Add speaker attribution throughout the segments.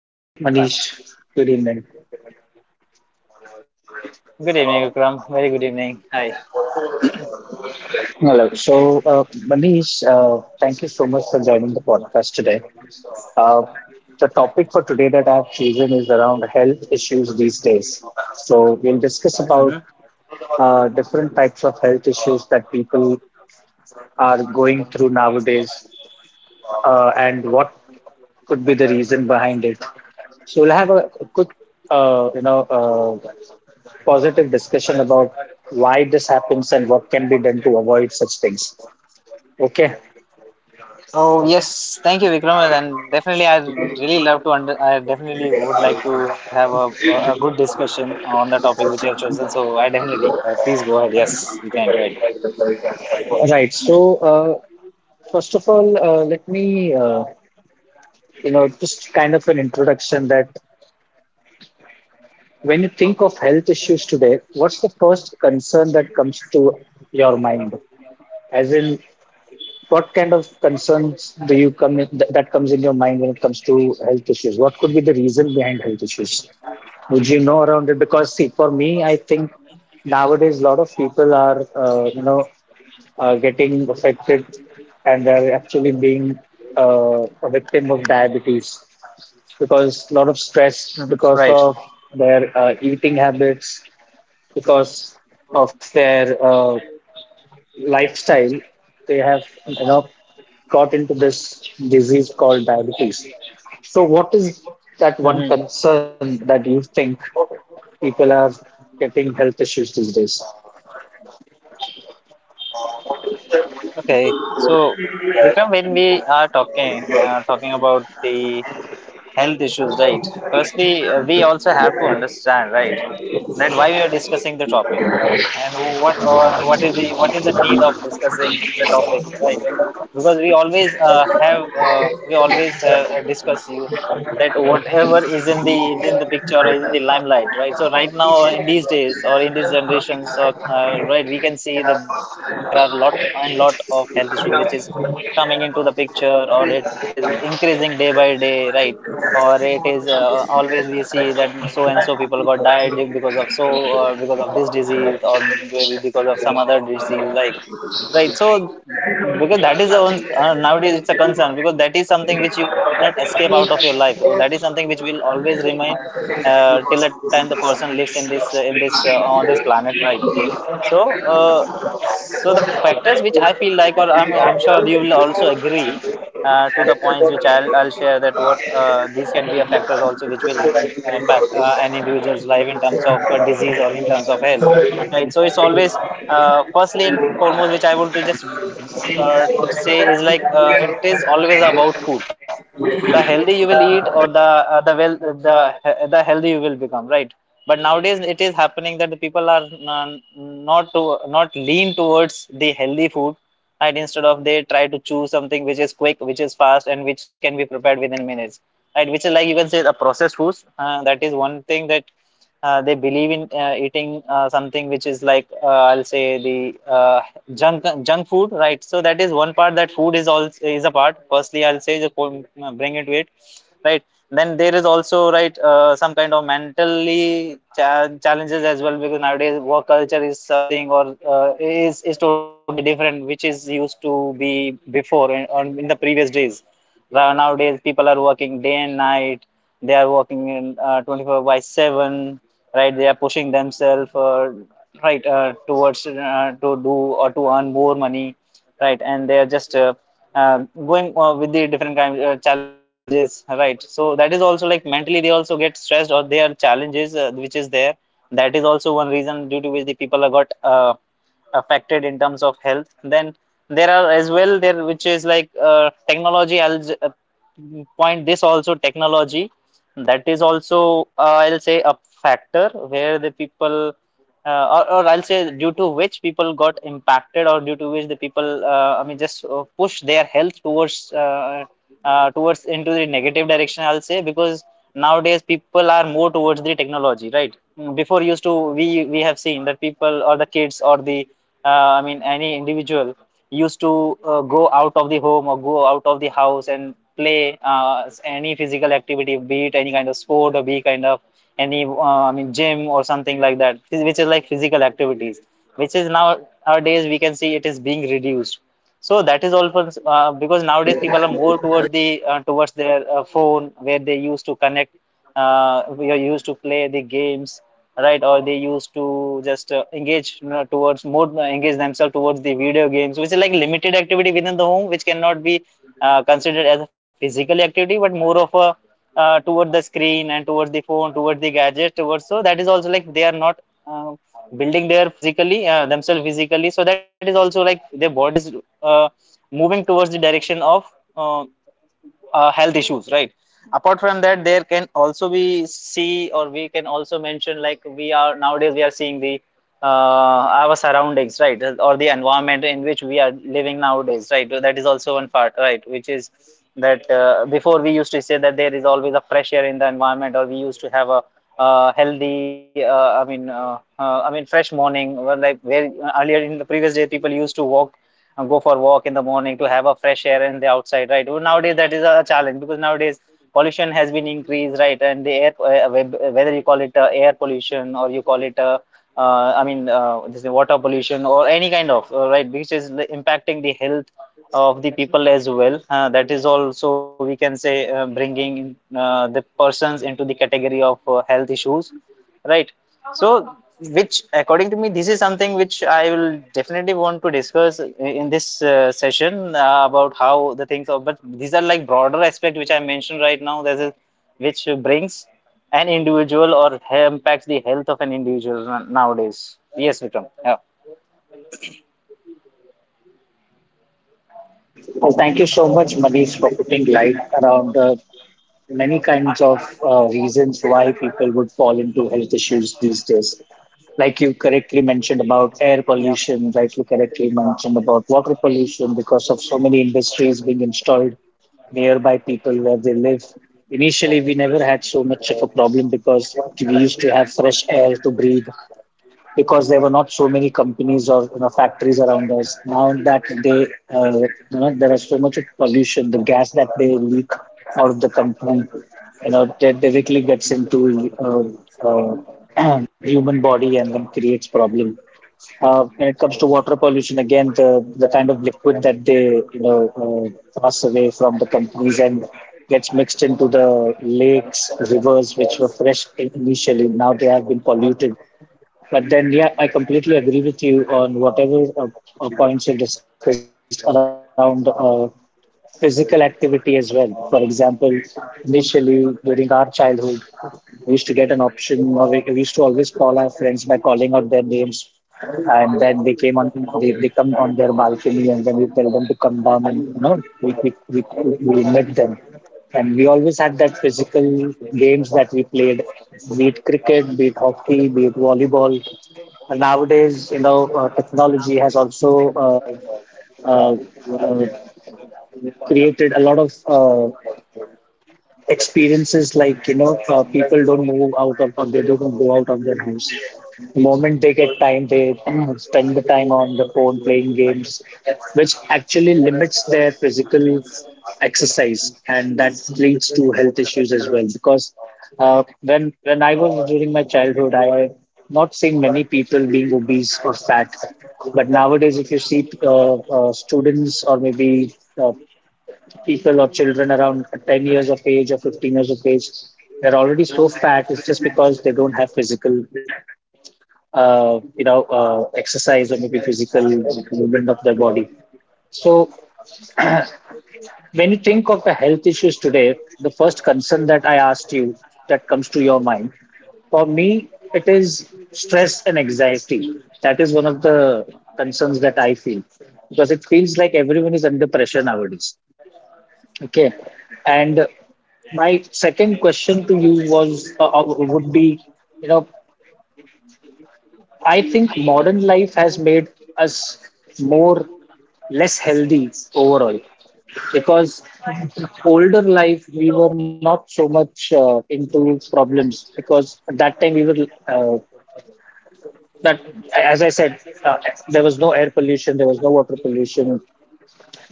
Speaker 1: Hi, Manish. Good evening.
Speaker 2: Good evening, Vikram. Very good evening. Hi.
Speaker 1: Hello. Manish, thank you so much for joining the podcast today. Uh, the topic for today that I've chosen is around health issues these days. So, we'll discuss about
Speaker 2: Hmm.
Speaker 1: different types of health issues that people are going through nowadays, and what could be the reason behind it. So, we'll have a quick, uh, you know, uh, positive discussion about why this happens and what can be done to avoid such things. Okay.
Speaker 2: Oh yes, thank you, Vikram. And definitely, I really love to under. I definitely would like to have a good discussion on the topic which you have chosen. So I definitely, please go ahead. Yes, you can go ahead.
Speaker 1: Right. First of all, let me, just kind of an introduction that when you think of health issues today, what's the first concern that comes to your mind? As in, what kind of concerns do you that comes in your mind when it comes to health issues? What could be the reason behind health issues? Would you know around it? Because see, for me, I think nowadays a lot of people are, getting affected, and they're actually being a victim of diabetes because a lot of stress
Speaker 2: Hmm.
Speaker 1: because of
Speaker 2: Right.
Speaker 1: their eating habits, because of their lifestyle, they have, got into this disease called diabetes. So, what is that one
Speaker 2: Hmm.
Speaker 1: concern that you think people are getting health issues these days?
Speaker 2: Okay. So, Vikram, when we are talking about the health issues, right? Firstly, we also have to understand, right? That why we are discussing the topic, right? And what is the need of discussing the topic, right? Because we always have, discuss you that whatever is in the picture or is in the limelight, right? So right now or in these days or in these generations, or right, we can see that there are lot and lot of health issues which is coming into the picture or it is increasing day by day, right? Or it is, always we see that so and so people got died because of because of this disease or maybe because of some other disease like right. So because that is the one, nowadays it's a concern, because that is something which you cannot escape out of your life. So that is something which will always remain, till the time the person lives in this, on this planet, right? So so the factors which I feel like, or I'm sure you will also agree, to the points which I'll share, that what, these can be a factors also which will, mm, impact, an individual's life in terms of, disease or in terms of health, right? So it's always, firstly and foremost, which I want to just, say is like, it is always about food. The healthy you will eat, or the well the healthy you will become, right? But nowadays it is happening that the people are n- not to not lean towards the healthy food, right? Instead of, they try to choose something which is quick, which is fast, and which can be prepared within minutes, right? Which is like, you can say, the processed foods, that is one thing, that, they believe in, eating, something which is like, I'll say the uh, junk food, right? So that is one part, that food is all is a part, firstly I'll say, just bring it to it, right? Then there is also, right, some kind of mentally challenges as well, because nowadays work culture is something or, is totally different, which is used to be before in the previous days. Nowadays people are working day and night. They are working in, 24 by 7, right? They are pushing themselves, right, towards, to do or to earn more money, right? And they are just going, with the different kind, challenges, right? So that is also like mentally they also get stressed, or their challenges, which is there, that is also one reason due to which the people are got, affected in terms of health. Then there are as well there, which is like, technology. I'll j- point this also Technology, that is also, I'll say a factor where the people, or I'll say due to which people got impacted, or due to which the people, I mean just, push their health towards towards into the negative direction, I'll say. Because nowadays people are more towards the technology, right? Mm, before used to, we have seen that people or the kids or the, I mean any individual used to, go out of the home or go out of the house and play, any physical activity, be it any kind of sport or be kind of any, I mean gym or something like that, which is like physical activities, which is now nowadays we can see it is being reduced. So that is all for, because nowadays people are more towards the, towards their, phone, where they used to connect, we are used to play the games, right? Or they used to just, engage, you know, towards more, engage themselves towards the video games, which is like limited activity within the home, which cannot be, considered as a physical activity, but more of a, toward the screen and towards the phone, towards the gadget, towards. So that is also like they are not, uh, building their physically, themselves physically. So that is also like their body is, uh, moving towards the direction of uh, health issues, right? Apart from that, there can also be see, or we can also mention like, we are nowadays we are seeing the, our surroundings, right? Or the environment in which we are living nowadays, right? That is also one part, right? Which is that, before we used to say that there is always a fresh air in the environment, or we used to have a, healthy, I mean, I mean fresh morning well, like where earlier in the previous day people used to walk, go for a walk in the morning to have a fresh air in the outside, right? Well, nowadays that is a challenge, because nowadays pollution has been increased, right? And the air, whether you call it, air pollution, or you call it, I mean, this is water pollution or any kind of, right, which is impacting the health of the people as well. That is also we can say, bringing, the persons into the category of, health issues, right? So, which, according to me, this is something which I will definitely want to discuss in this, session, about how the things are. But these are like broader aspect which I mentioned right now. Is which brings an individual or impacts the health of an individual nowadays. Yes, Vikram. Yeah.
Speaker 1: Well, thank you so much, Manish, for putting light around the many kinds of reasons why people would fall into health issues these days. Like you correctly mentioned about air
Speaker 2: Yeah.
Speaker 1: pollution, like you correctly mentioned about water pollution because of so many industries being installed nearby people where they live. Initially, we never had so much of a problem because we used to have fresh air to breathe because there were not so many companies or, you know, factories around us. Now that uh, you know, there is so much of pollution, the gas that they leak out of the company, you know, that directly gets into human body and then creates problem. When it comes to water pollution, again, the kind of liquid that they, you know, pass away from the companies and gets mixed into the lakes, rivers, which were fresh initially. Now they have been polluted, but then, yeah, I completely agree with you on whatever points you discussed around. Physical activity as well. For example, initially during our childhood, we used to get an option, or we used to always call our friends by calling out their names, and then they came on, they come on their balcony, and then we tell them to come down, and you know, we met them. And we always had that physical games that we played, be it cricket, be it hockey, be it volleyball, and nowadays, you know, technology has also uh, uh, created a lot of experiences like, you know, people don't move out of or they don't go out of their house. The moment they get time they spend the time on the phone playing games, which actually limits their physical exercise, and that leads to health issues as well because, when I was during my childhood, I not seeing many people being obese or fat. But nowadays if you see students, or maybe uh, people or children around 10 years of age or 15 years of age, they're already so fat. It's just because they don't have physical exercise, or maybe physical movement of their body. So when you think of the health issues today, the first concern that I asked you, that comes to your mind, for me, it is stress and anxiety. That is one of the concerns that I feel because it feels like everyone is under pressure nowadays. Okay. And my second question to you was would be, you know, I think modern life has made us more less healthy overall because older life we were not so much into problems because at that time we were, that as I said, there was no air pollution, there was no water pollution.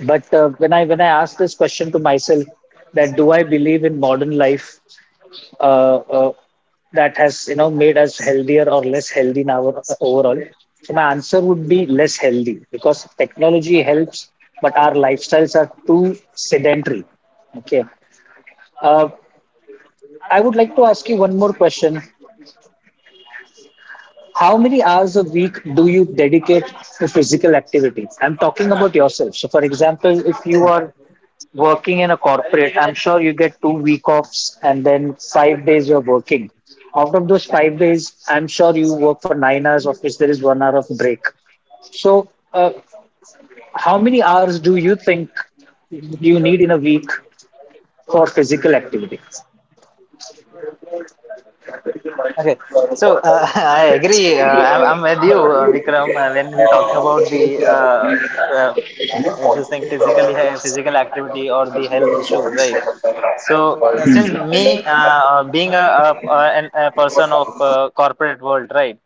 Speaker 1: But when I asked this question to myself, that do I believe in modern life, uh, uh, that has, you know, made us healthier or less healthy in our overall? So my answer would be less healthy because technology helps, but our lifestyles are too sedentary. Okay. Uh, I would like to ask you one more question. How many hours a week do you dedicate to physical activity? I'm talking about yourself. So, for example, if you are working in a corporate, I'm sure you get 2 week offs and then 5 days you're working. Out of those 5 days, I'm sure you work for 9 hours, of which there is 1 hour of break. So, how many hours do you think you need in a week for physical activity?
Speaker 2: Okay, so I agree. I'm with you, Vikram, when we're talking about the uh, this thing, physically physical activity or the health issues, right? So since me, being a person of, corporate world, right?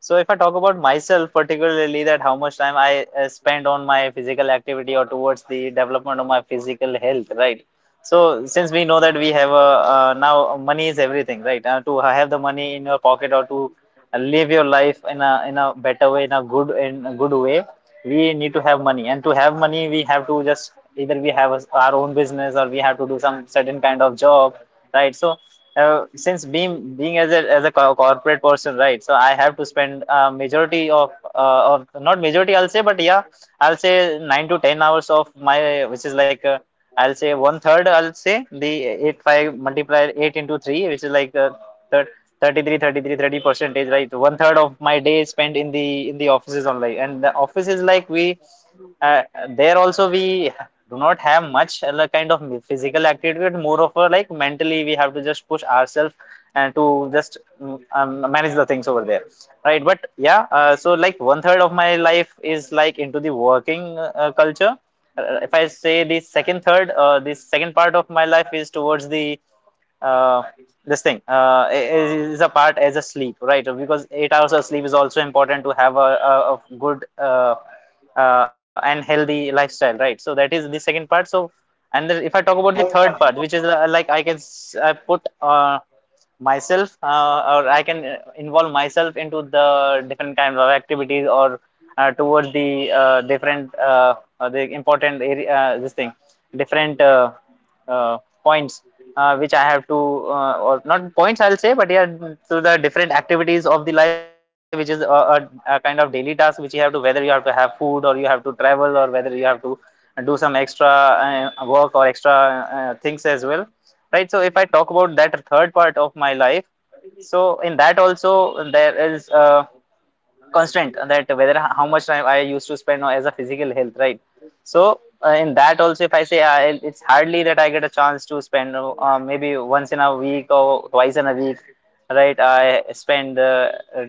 Speaker 2: So if I talk about myself particularly, that how much time I, spend on my physical activity or towards the development of my physical health, right? So since we know that we have a, now money is everything, right? To have the money in your pocket, or to, live your life in a better way, in a good way, we need to have money. And to have money, we have to just, either we have our own business, or we have to do some certain kind of job, right? So since being as a corporate person, right? So I have to spend, majority of, of not majority, I'll say, but yeah, I'll say 9 to 10 hours of my, which is like, I'll say one third. I'll say the 8 5 multiplier, 8 into 3, which is like, thir- 33, thirty-three, 30 percentage, right? One third of my day is spent in the offices only. And the office is like we, uh, there also we do not have much, like, kind of physical activity, but more of a like mentally we have to just push ourselves and to just, mm, manage the things over there, right? But yeah, so like one third of my life is like into the working, culture. Uh, if I say the second third, the second part of my life is towards the, uh, this thing, is a part as a sleep, right? Because 8 hours of sleep is also important to have a good, and healthy lifestyle, right? So that is the second part. So, and then if I talk about the third part, which is like I can I put myself or I can involve myself into the different kinds of activities or towards the different the important area this thing different uh, points which I have to or not points, I'll say, but yeah, to the different activities of the life, which is a kind of daily task which you have to, whether you have to have food, or you have to travel, or whether you have to do some extra work or extra things as well, right? So if I talk about that third part of my life, so in that also there is constant that whether how much time I used to spend as a physical health, right? So in that also, if I say it's hardly that I get a chance to spend maybe once in a week or twice in a week, right? I spend uh,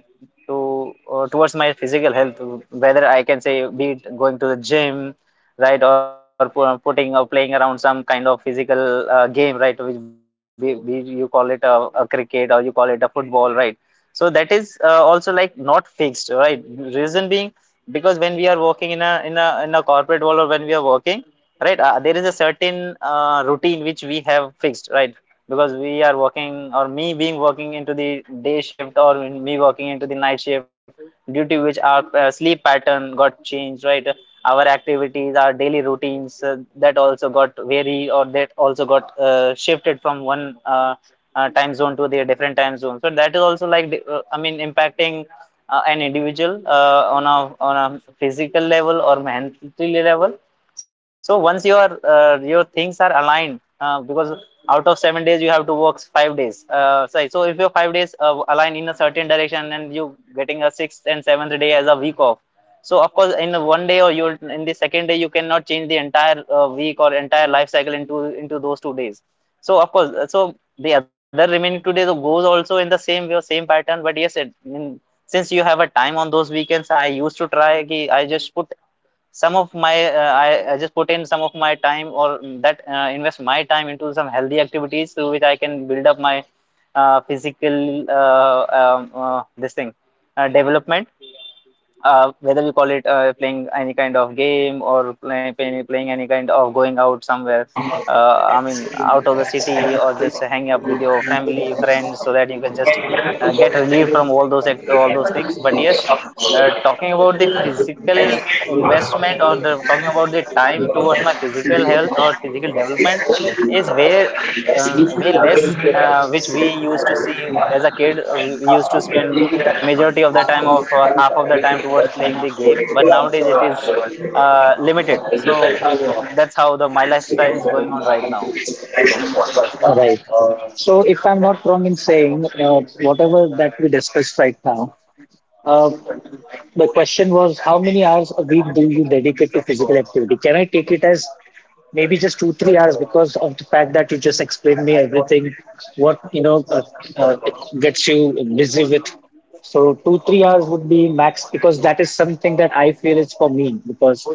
Speaker 2: to towards my physical health, whether I can say, be it going to the gym, right, or putting or playing around some kind of physical game, right? Which be you call it a cricket, or you call it a football, right? So that is also like not fixed, right? Reason being, because when we are working in a corporate world, or when we are working, right, there is a certain routine which we have fixed, right. Because we are working, or me being working into the day shift or me working into the night shift, due to which our sleep pattern got changed, right. Our activities, our daily routines, that also got vary, or that also got shifted from one time zone to the different time zone. So that is also like, I mean, impacting an individual on a physical level or mentally level. So once your things are aligned, because out of 7 days you have to work 5 days. So if your 5 days align in a certain direction and you getting a sixth and seventh day as a week off. So of course, in the one day, or you in the second day, you cannot change the entire week or entire life cycle into those 2 days. So of course, so the other remaining 2 days goes also in the same way or same pattern. But yes, since you have a time on those weekends, I used to try, ki I just put some of my I just put in some of my time, or mm, that invest my time into some healthy activities through which I can build up my physical this thing development, whether you call it playing any kind of game, or playing any kind of, going out somewhere, I mean out of the city, or just hanging up with your family friends, so that you can just get relieved from all those things. But
Speaker 1: Hmm.
Speaker 2: yes, talking about the physical investment, or the talking about the time towards my physical health or physical development, is way, way less, which we used to see as a kid. We used to spend majority of the time, of half of the time, towards playing the game, but nowadays it is limited. So that's how the my lifestyle is going on right now.
Speaker 1: Right. So, if I'm not wrong in saying whatever that we discussed right now, uh, the question was, how many hours a week do you dedicate to physical activity? Can I take it as maybe just two, 3 hours because of the fact that you just explained me everything, what, you know, uh, gets you busy with. So two, 3 hours would be max because that is something that I feel is for me because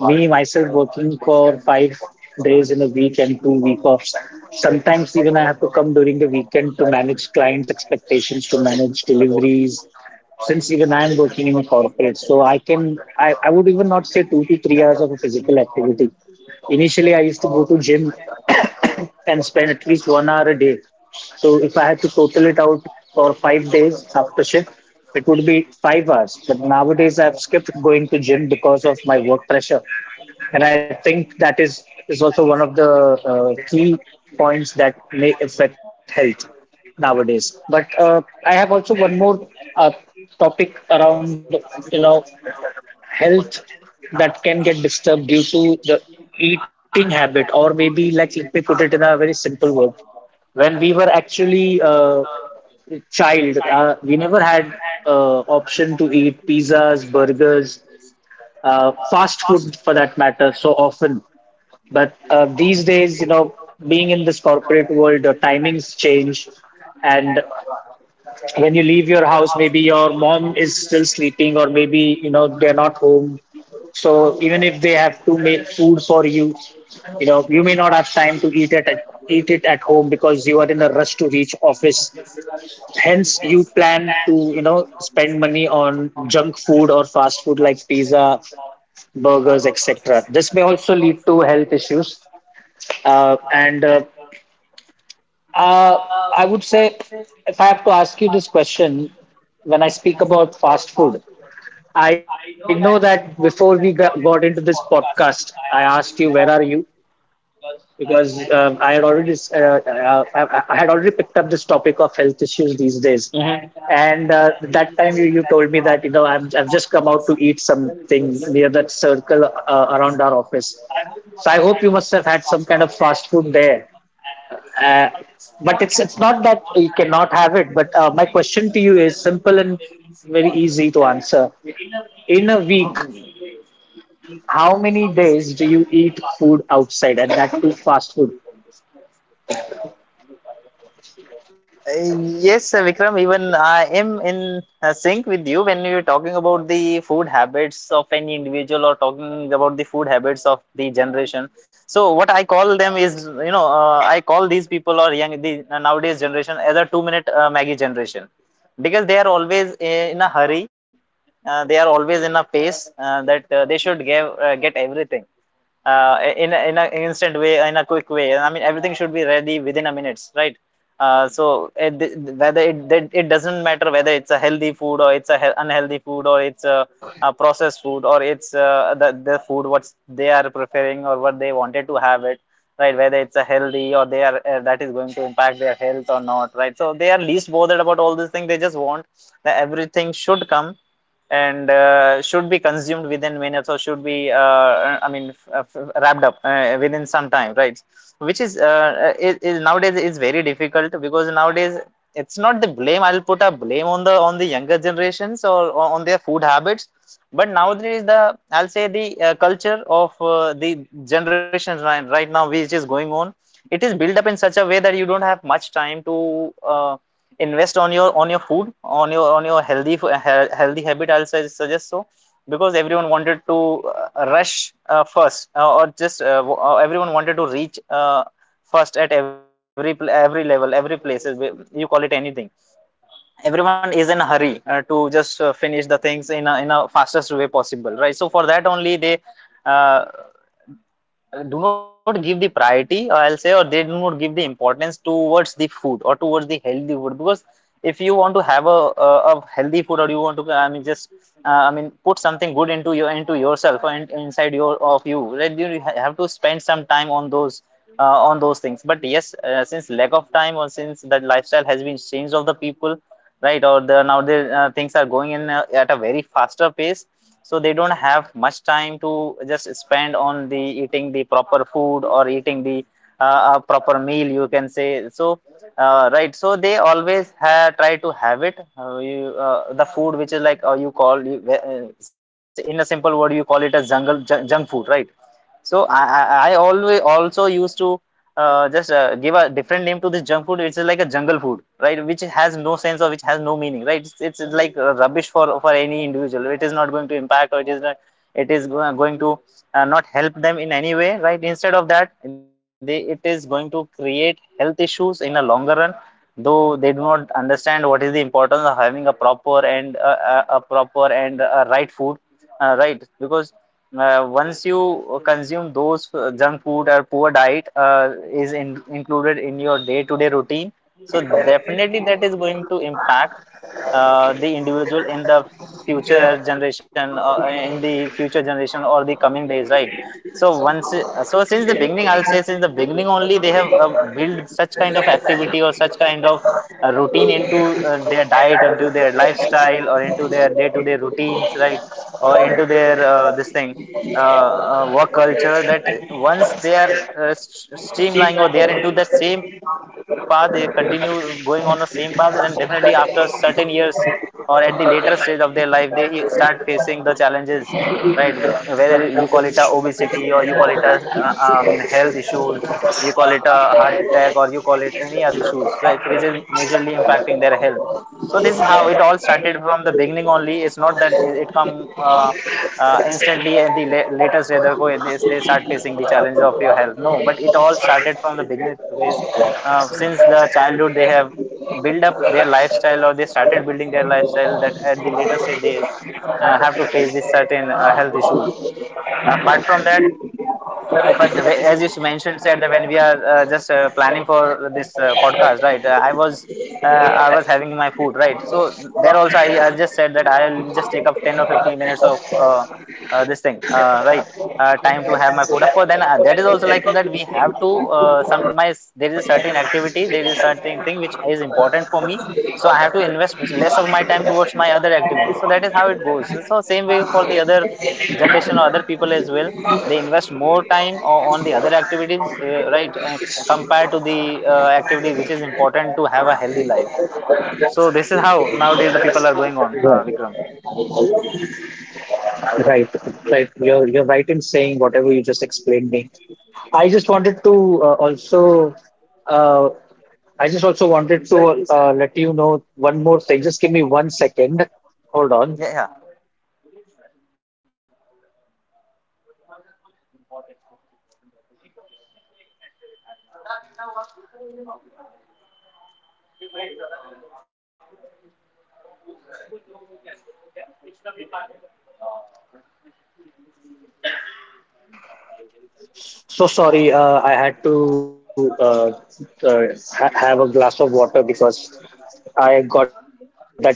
Speaker 1: me myself working for 5 days in a week and 2 week offs. Sometimes even I have to come during the weekend to manage clients' expectations, to manage deliveries. Since even I am working in a corporate, so I would even not say 2 to 3 hours of a physical activity. Initially, I used to go to gym and spend at least 1 hour a day. So if I had to total it out for 5 days after shift, it would be 5 hours. But nowadays I've skipped going to gym because of my work pressure, and I think that is also one of the key points that may affect health nowadays. But I have also one more uh, topic around, you know, health that can get disturbed due to the eating habit, or maybe like let me put it in a very simple word. When we were actually a child, we never had option to eat pizzas, burgers, fast food for that matter so often. But these days, you know, being in this corporate world, the timings change, and when you leave your house maybe your mom is still sleeping, or maybe, you know, they're not home. So even if they have to make food for you, you know, you may not have time to eat it at home because you are in a rush to reach office. Hence you plan to, you know, spend money on junk food or fast food like pizza, burgers, etc. This may also lead to health issues, and uh, I would say, if I have to ask you this question, when I speak about fast food, I know that before we got into this podcast, I asked you, where are you? Because I had already picked up this topic of health issues these days, and that time you told me that, you know, I've just come out to eat something near that circle around our office. So I hope you must have had some kind of fast food there. Uh, but it's not that you cannot have it. But my question to you is simple and very easy to answer. In a week, how many days do you eat food outside, and that too fast food?
Speaker 2: Uh, Yes, Vikram, even I am in sync with you when you're talking about the food habits of any individual, or talking about the food habits of the generation. So what I call them is, I call these people, or young, the nowadays generation, as a two-minute Maggie generation, because they are always in a hurry. They are always in a pace, that they should give get everything in a, in an instant way, in a quick way, I mean everything should be ready within a minutes, right. So whether it doesn't matter, whether it's a healthy food, or it's unhealthy food, or it's a processed food, or it's the food what they are preferring, or what they wanted to have it, right. Whether it's a healthy, or they are, that is going to impact their health or not, right. So they are least bothered about all these things, they just want that everything should come and should be consumed within minutes, or should be I mean wrapped up within some time, right. Which is is nowadays is very difficult, because nowadays it's not the blame, I'll put a blame on the younger generations, or on their food habits. But nowadays, the I'll say the culture of the generations right, right now, which is going on, it is built up in such a way that you don't have much time to invest on your food, on your healthy habit, I'll suggest. So because everyone wanted to rush, first, or just everyone wanted to reach first at every every level, every places, you call it anything. Everyone is in a hurry to just finish the things in a fastest way possible, right. So for that only, they uh, do not give the priority, or I'll say, or they do not give the importance towards the food or towards the healthy food, because if you want to have a healthy food, or you want to, I mean, just I mean put something good into your into yourself, or inside your of you, right, you have to spend some time on those, on those things. But yes, since lack of time, or since that lifestyle has been changed of the people, right? Or the nowadays things are going in, at a very faster pace, so they don't have much time to just spend on the eating the proper food, or eating the a proper meal, you can say. So, right. So they always try to have it. The food which is like, you call in a simple word, you call it a jungle junk food, right? So I always also used to just give a different name to this junk food, which is like a jungle food, right? Which has no sense, or which has no meaning, right? It's like rubbish for any individual. It is not going to impact, or it is not, it going to not help them in any way, right. Instead of that, they, it is going to create health issues in a longer run. Though they do not understand what is the importance of having a proper and right food, right? Because once you consume those junk food or poor diet is included in your day-to-day routine, so definitely that is going to impact the individual in the future generation or the coming days, right. So once so since the beginning, I'll say, since the beginning only, they have built such kind of activity, or such kind of routine, into their diet, into their lifestyle, or into their day-to-day routines, right. Or into their this thing work culture, that once they are streamlining, or they are into that same path, they continue going on the same path, and then definitely after certain years, or at the later stage of their life, they start facing the challenges, right. Whether you call it a obesity, or you call it a uh, I mean health issues, you call it a heart attack, or you call it any other issues, right, which is majorly impacting their health. So this is how it all started from the beginning only. It's not that it come instantly at the latest, rather go, they start facing the challenges of your health, no. But it all started from the beginning, because since the childhood, they have built up their lifestyle, or they started building their lifestyle, that at the latest stage, they have to face this certain health issues. Apart from that, if as you mentioned, said that when we are just planning for this podcast, right, uh, I was having my food, right, so there also I just said that I'll just take up 10 or 15 minutes of this thing right, time to have my food. Of course, then that is also like that we have to, some my there is a certain activity, there is a certain thing which is important for me, so I have to invest less of my time towards my other activities, so that is how it goes, so same way for the other generation or other people as well, they Invest more time on the other activities, right, and compared to the activity which is important to have a healthy life. So this is how nowadays the people are going on,
Speaker 1: Right,
Speaker 2: Vikram.
Speaker 1: right, right. You're right in saying whatever you just explained me. I just wanted to uh, also, uh, I just also wanted to let you know one more thing. Just give me 1 second. Hold
Speaker 2: yeah
Speaker 1: on.
Speaker 2: yeah
Speaker 1: So sorry, I had to uh, have a glass of water because I got that itchy throat.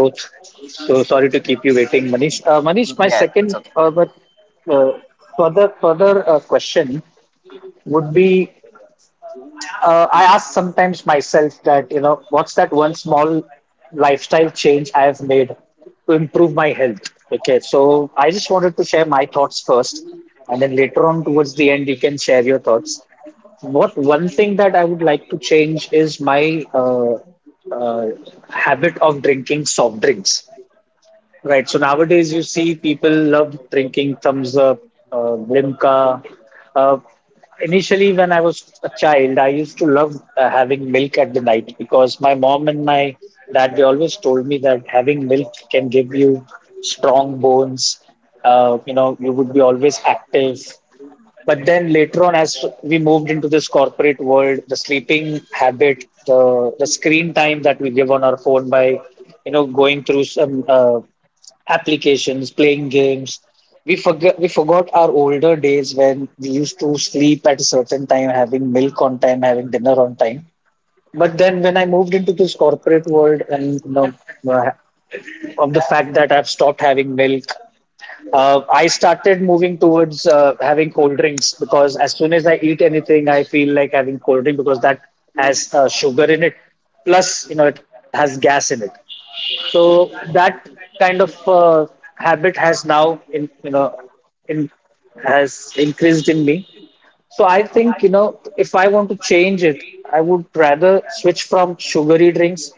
Speaker 1: So sorry to keep you waiting, Manish. Manish, my
Speaker 2: yeah,
Speaker 1: second
Speaker 2: that's okay.
Speaker 1: but uh, further further question would be, I ask sometimes myself that, you know, what's that one small lifestyle change I have made to improve my health? Okay, so I just wanted to share my thoughts first, and then later on, towards the end, you can share your thoughts. What one thing that I would like to change is my uh, habit of drinking soft drinks. Right. So nowadays, you see people love drinking Thumbs Up, Limca. Uh, Initially, when I was a child, I used to love having milk at the night because my mom and my dad they always told me that having milk can give you strong bones. You know, you would be always active. But then later on, as we moved into this corporate world, the sleeping habit, the screen time that we give on our phone by, you know, going through some applications, playing games. We forgot our older days when we used to sleep at a certain time, having milk on time, having dinner on time. But then when I moved into this corporate world and you know uh, of the fact that I've stopped having milk, I started moving towards having cold drinks because as soon as I eat anything, I feel like having cold drink because that has sugar in it. Plus, you know, it has gas in it. So that kind of habit has now, in you know, in has increased in me. So I think, you know, if I want to change it, I would rather switch from sugary drinks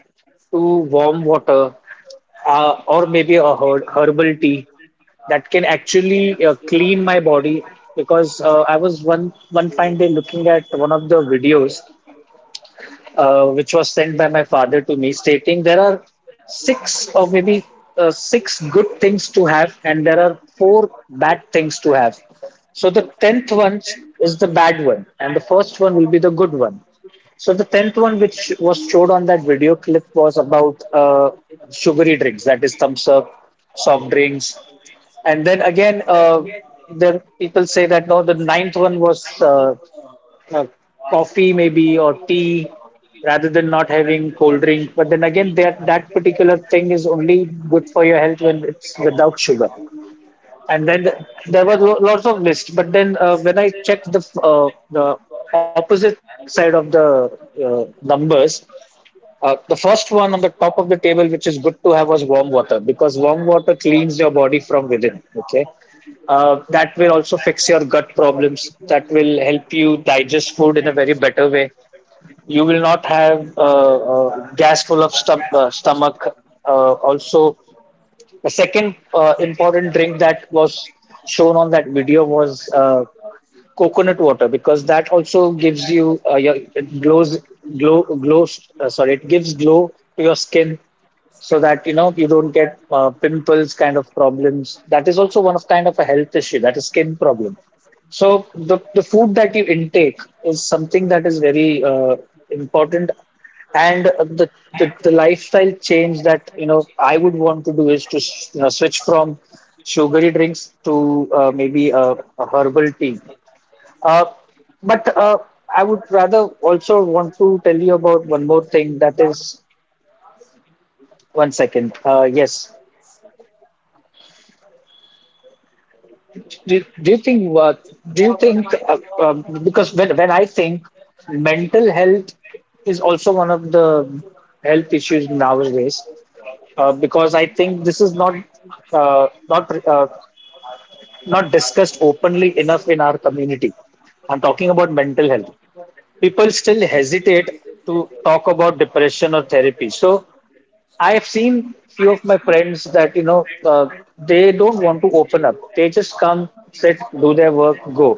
Speaker 1: to warm water, or maybe a herbal tea that can actually clean my body because I was one fine day looking at one of the videos which was sent by my father to me, stating there are six or maybe, six good things to have, and there are four bad things to have. So the tenth one is the bad one, and the first one will be the good one. So the tenth one, which was showed on that video clip, was about sugary drinks, that is thumbs up, soft drinks, and then again, then people say that no, the ninth one was uh, coffee maybe or tea rather than not having cold drink. But then again, that particular thing is only good for your health when it's without sugar. and then th- there was lots of list, but then when I checked the the opposite side of the numbers, the first one on the top of the table, which is good to have, was warm water because warm water cleans your body from within. Okay. That will also fix your gut problems. That will help you digest food in a very better way. You will not have gas full of stomach. Also, the second important drink that was shown on that video was coconut water because that also gives you your it glows, sorry, it gives glow to your skin so that you know you don't get pimples kind of problems. That is also one of kind of a health issue, that is skin problem. So the food that you intake is something that is very important, and the, the lifestyle change that you know I would want to do is to you know, switch from sugary drinks to maybe a herbal tea. Uh, but I would rather also want to tell you about one more thing that is one second. Yes, do, do you think uh, do you think because when I think mental health is also one of the health issues nowadays. Because I think this is not uh, not uh, not discussed openly enough in our community. I'm talking about mental health. People still hesitate to talk about depression or therapy. So I have seen few of my friends that you know they don't want to open up. They just come, sit, do their work, go.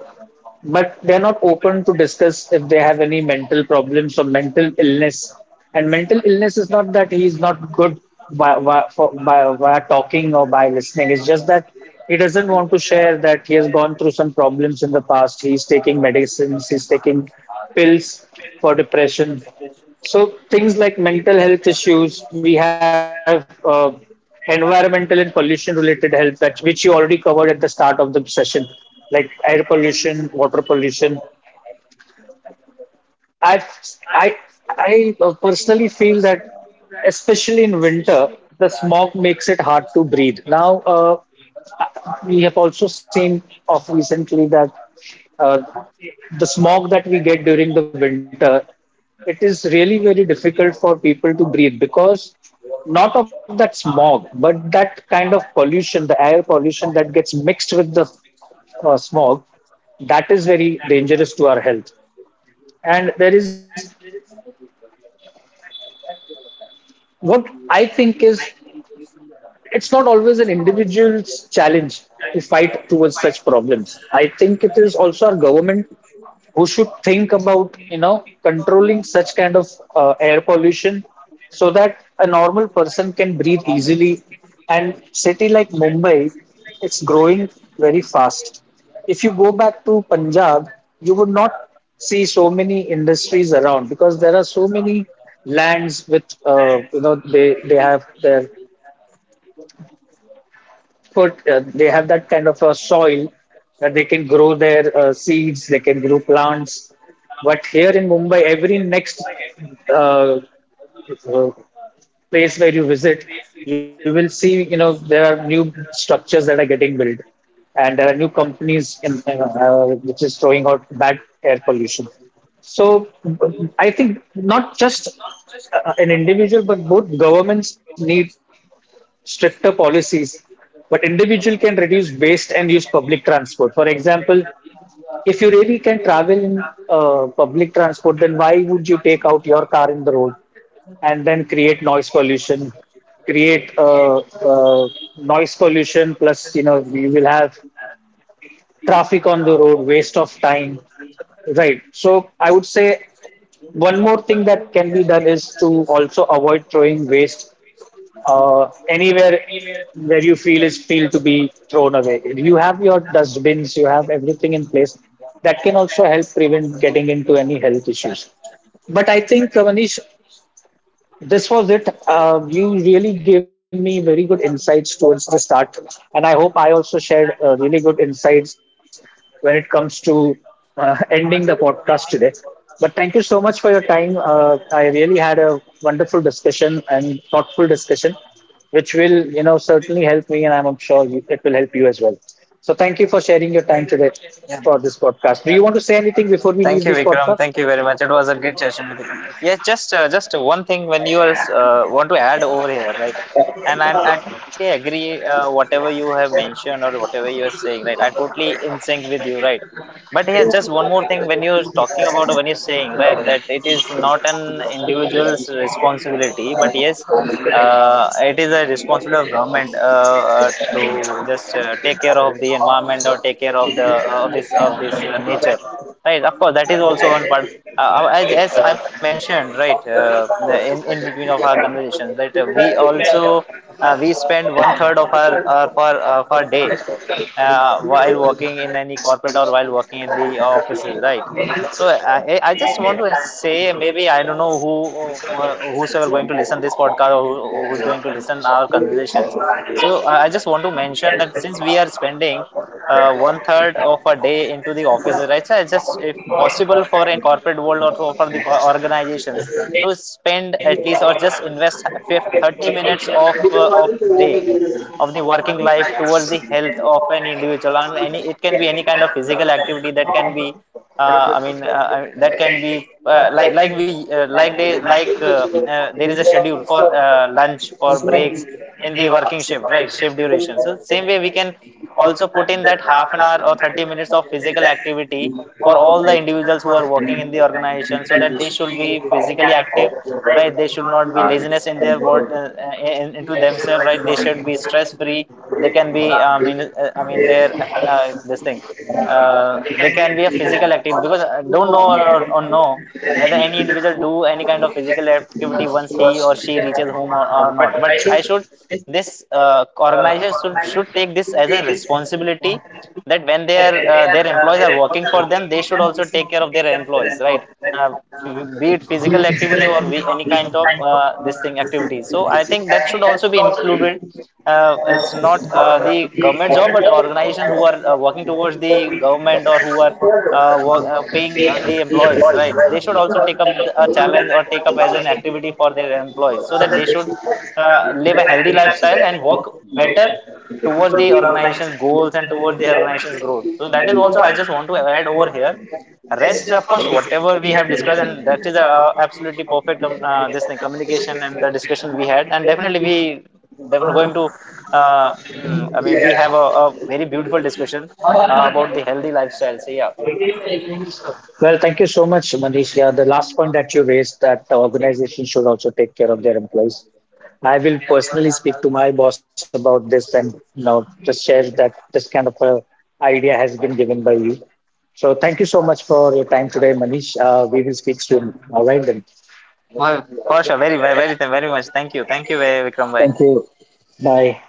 Speaker 1: But they're not open to discuss if they have any mental problems or mental illness. And mental illness is not that he's not good by talking or by listening. It's just that he doesn't want to share that he has gone through some problems in the past. He's taking medicines, he's taking pills for depression. So things like mental health issues, we have environmental and pollution related health, that, which you already covered at the start of the session, like air pollution, water pollution. I I I personally feel that, especially in winter, the smog makes it hard to breathe. Now, we have also seen of recently that uh, the smog that we get during the winter, it is really very difficult for people to breathe because not of that smog, but that kind of pollution, the air pollution that gets mixed with the smog, that is very dangerous to our health. And there is what I think is it's not always an individual's challenge to fight towards such problems. I think it is also our government who should think about you know controlling such kind of air pollution so that a normal person can breathe easily. And city like Mumbai, it's growing very fast. If you go back to Punjab, you would not see so many industries around because there are so many lands with, you know, they have their put they have that kind of a soil that they can grow their seeds, they can grow plants. But here in Mumbai, every next uh, uh, place where you visit, you will see, you know, there are new structures that are getting built, and there are new companies in, which is throwing out bad air pollution. So I think not just an individual, but both governments need stricter policies. But individual can reduce waste and use public transport. For example, if you really can travel in public transport, then why would you take out your car in the road and then create noise pollution? Create noise pollution, plus you know we will have traffic on the road, waste of time. Right. So I would say one more thing that can be done is to also avoid throwing waste anywhere where you feel is feel to be thrown away. You have your dustbins, you have everything in place. That can also help prevent getting into any health issues. But I think, Manish, this was it. You really gave me very good insights towards the start, and I hope I also shared really good insights when it comes to ending the podcast today. But thank you so much for your time. I really had a wonderful discussion and thoughtful discussion, which will, you know, certainly help me, and I'm sure you, it will help you as well. So thank you for sharing your time today
Speaker 2: Yeah.
Speaker 1: for this podcast. Do you want to say anything before we
Speaker 2: Thank
Speaker 1: leave
Speaker 2: you,
Speaker 1: this
Speaker 2: Vikram.
Speaker 1: podcast?
Speaker 2: Thank you very much. It was a great session with you. Yes, just one thing when you are want to add over here, right? And I totally agree, whatever you have mentioned or whatever you are saying, right? I totally in sync with you, right? But here, just one more thing when you're talking about or when you're saying, right, that it is not an individual's responsibility, but yes, it is a responsibility of government to just take care of the environment or take care of the of this nature, right? Of course, that is also one part. As I mentioned, right, in between of our conversations that we also we spend one third of our for day, while working in any
Speaker 1: Thank
Speaker 2: corporate or
Speaker 1: you.
Speaker 2: while working in the offices, right? So I just want to say, maybe I don't know who whosoever going to listen this podcast or who's going to listen our conversations. So I just want to mention that since we are spending one third of a day into the office, right? So I just, if possible, for any corporate world or for organizations to spend at least or just invest 30 minutes of day, of the working life, towards the health of an individual. And any, it can be any kind of physical activity that can be, I mean, that can be like we like they like there is a schedule for lunch, for breaks in the working shift, right, shift duration. So same way we can also put in that half an hour or 30 minutes of physical activity for all the individuals who are working in the organization, so that they should be physically active, right? They should not be laziness in their word, into themselves, right? They should be stress free. They can be I mean their this thing, they can be a physical active, because I don't know or know whether any individual do any kind of physical activity once he or she reaches home or not. But I should, this organization should take this as a responsibility, that when their employees are working for them, they should also take care of their employees, right? uh, be it physical activity or any kind of this thing activity. So I think that should also be included. It's not the government job, but organizations who are working towards the government or who are paying the employees, right? They should also take up a challenge or take up as an activity for their employees, so that they should live a healthy lifestyle and work better towards the organization's goals and towards the organization's growth. So that is also I just want to add over here. Rest, of course, whatever we have discussed, and that is absolutely perfect. This thing, communication and the discussion we had, and definitely we definitely going to. I mean, we have a very beautiful discussion about the healthy lifestyle. So yeah,
Speaker 1: Well, thank you so much, Manish. Yeah, the last point that you raised that the organization should also take care of their employees. I will personally speak to my boss about this and you know, just share that this kind of a idea has been given by you. So thank you so much for your time today, Manish. We will speak soon. All right, then.
Speaker 2: well, for sure, very, very, very, very much. Thank you, Vikram. Bye,
Speaker 1: Thank you. Bye.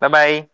Speaker 2: bye, bye.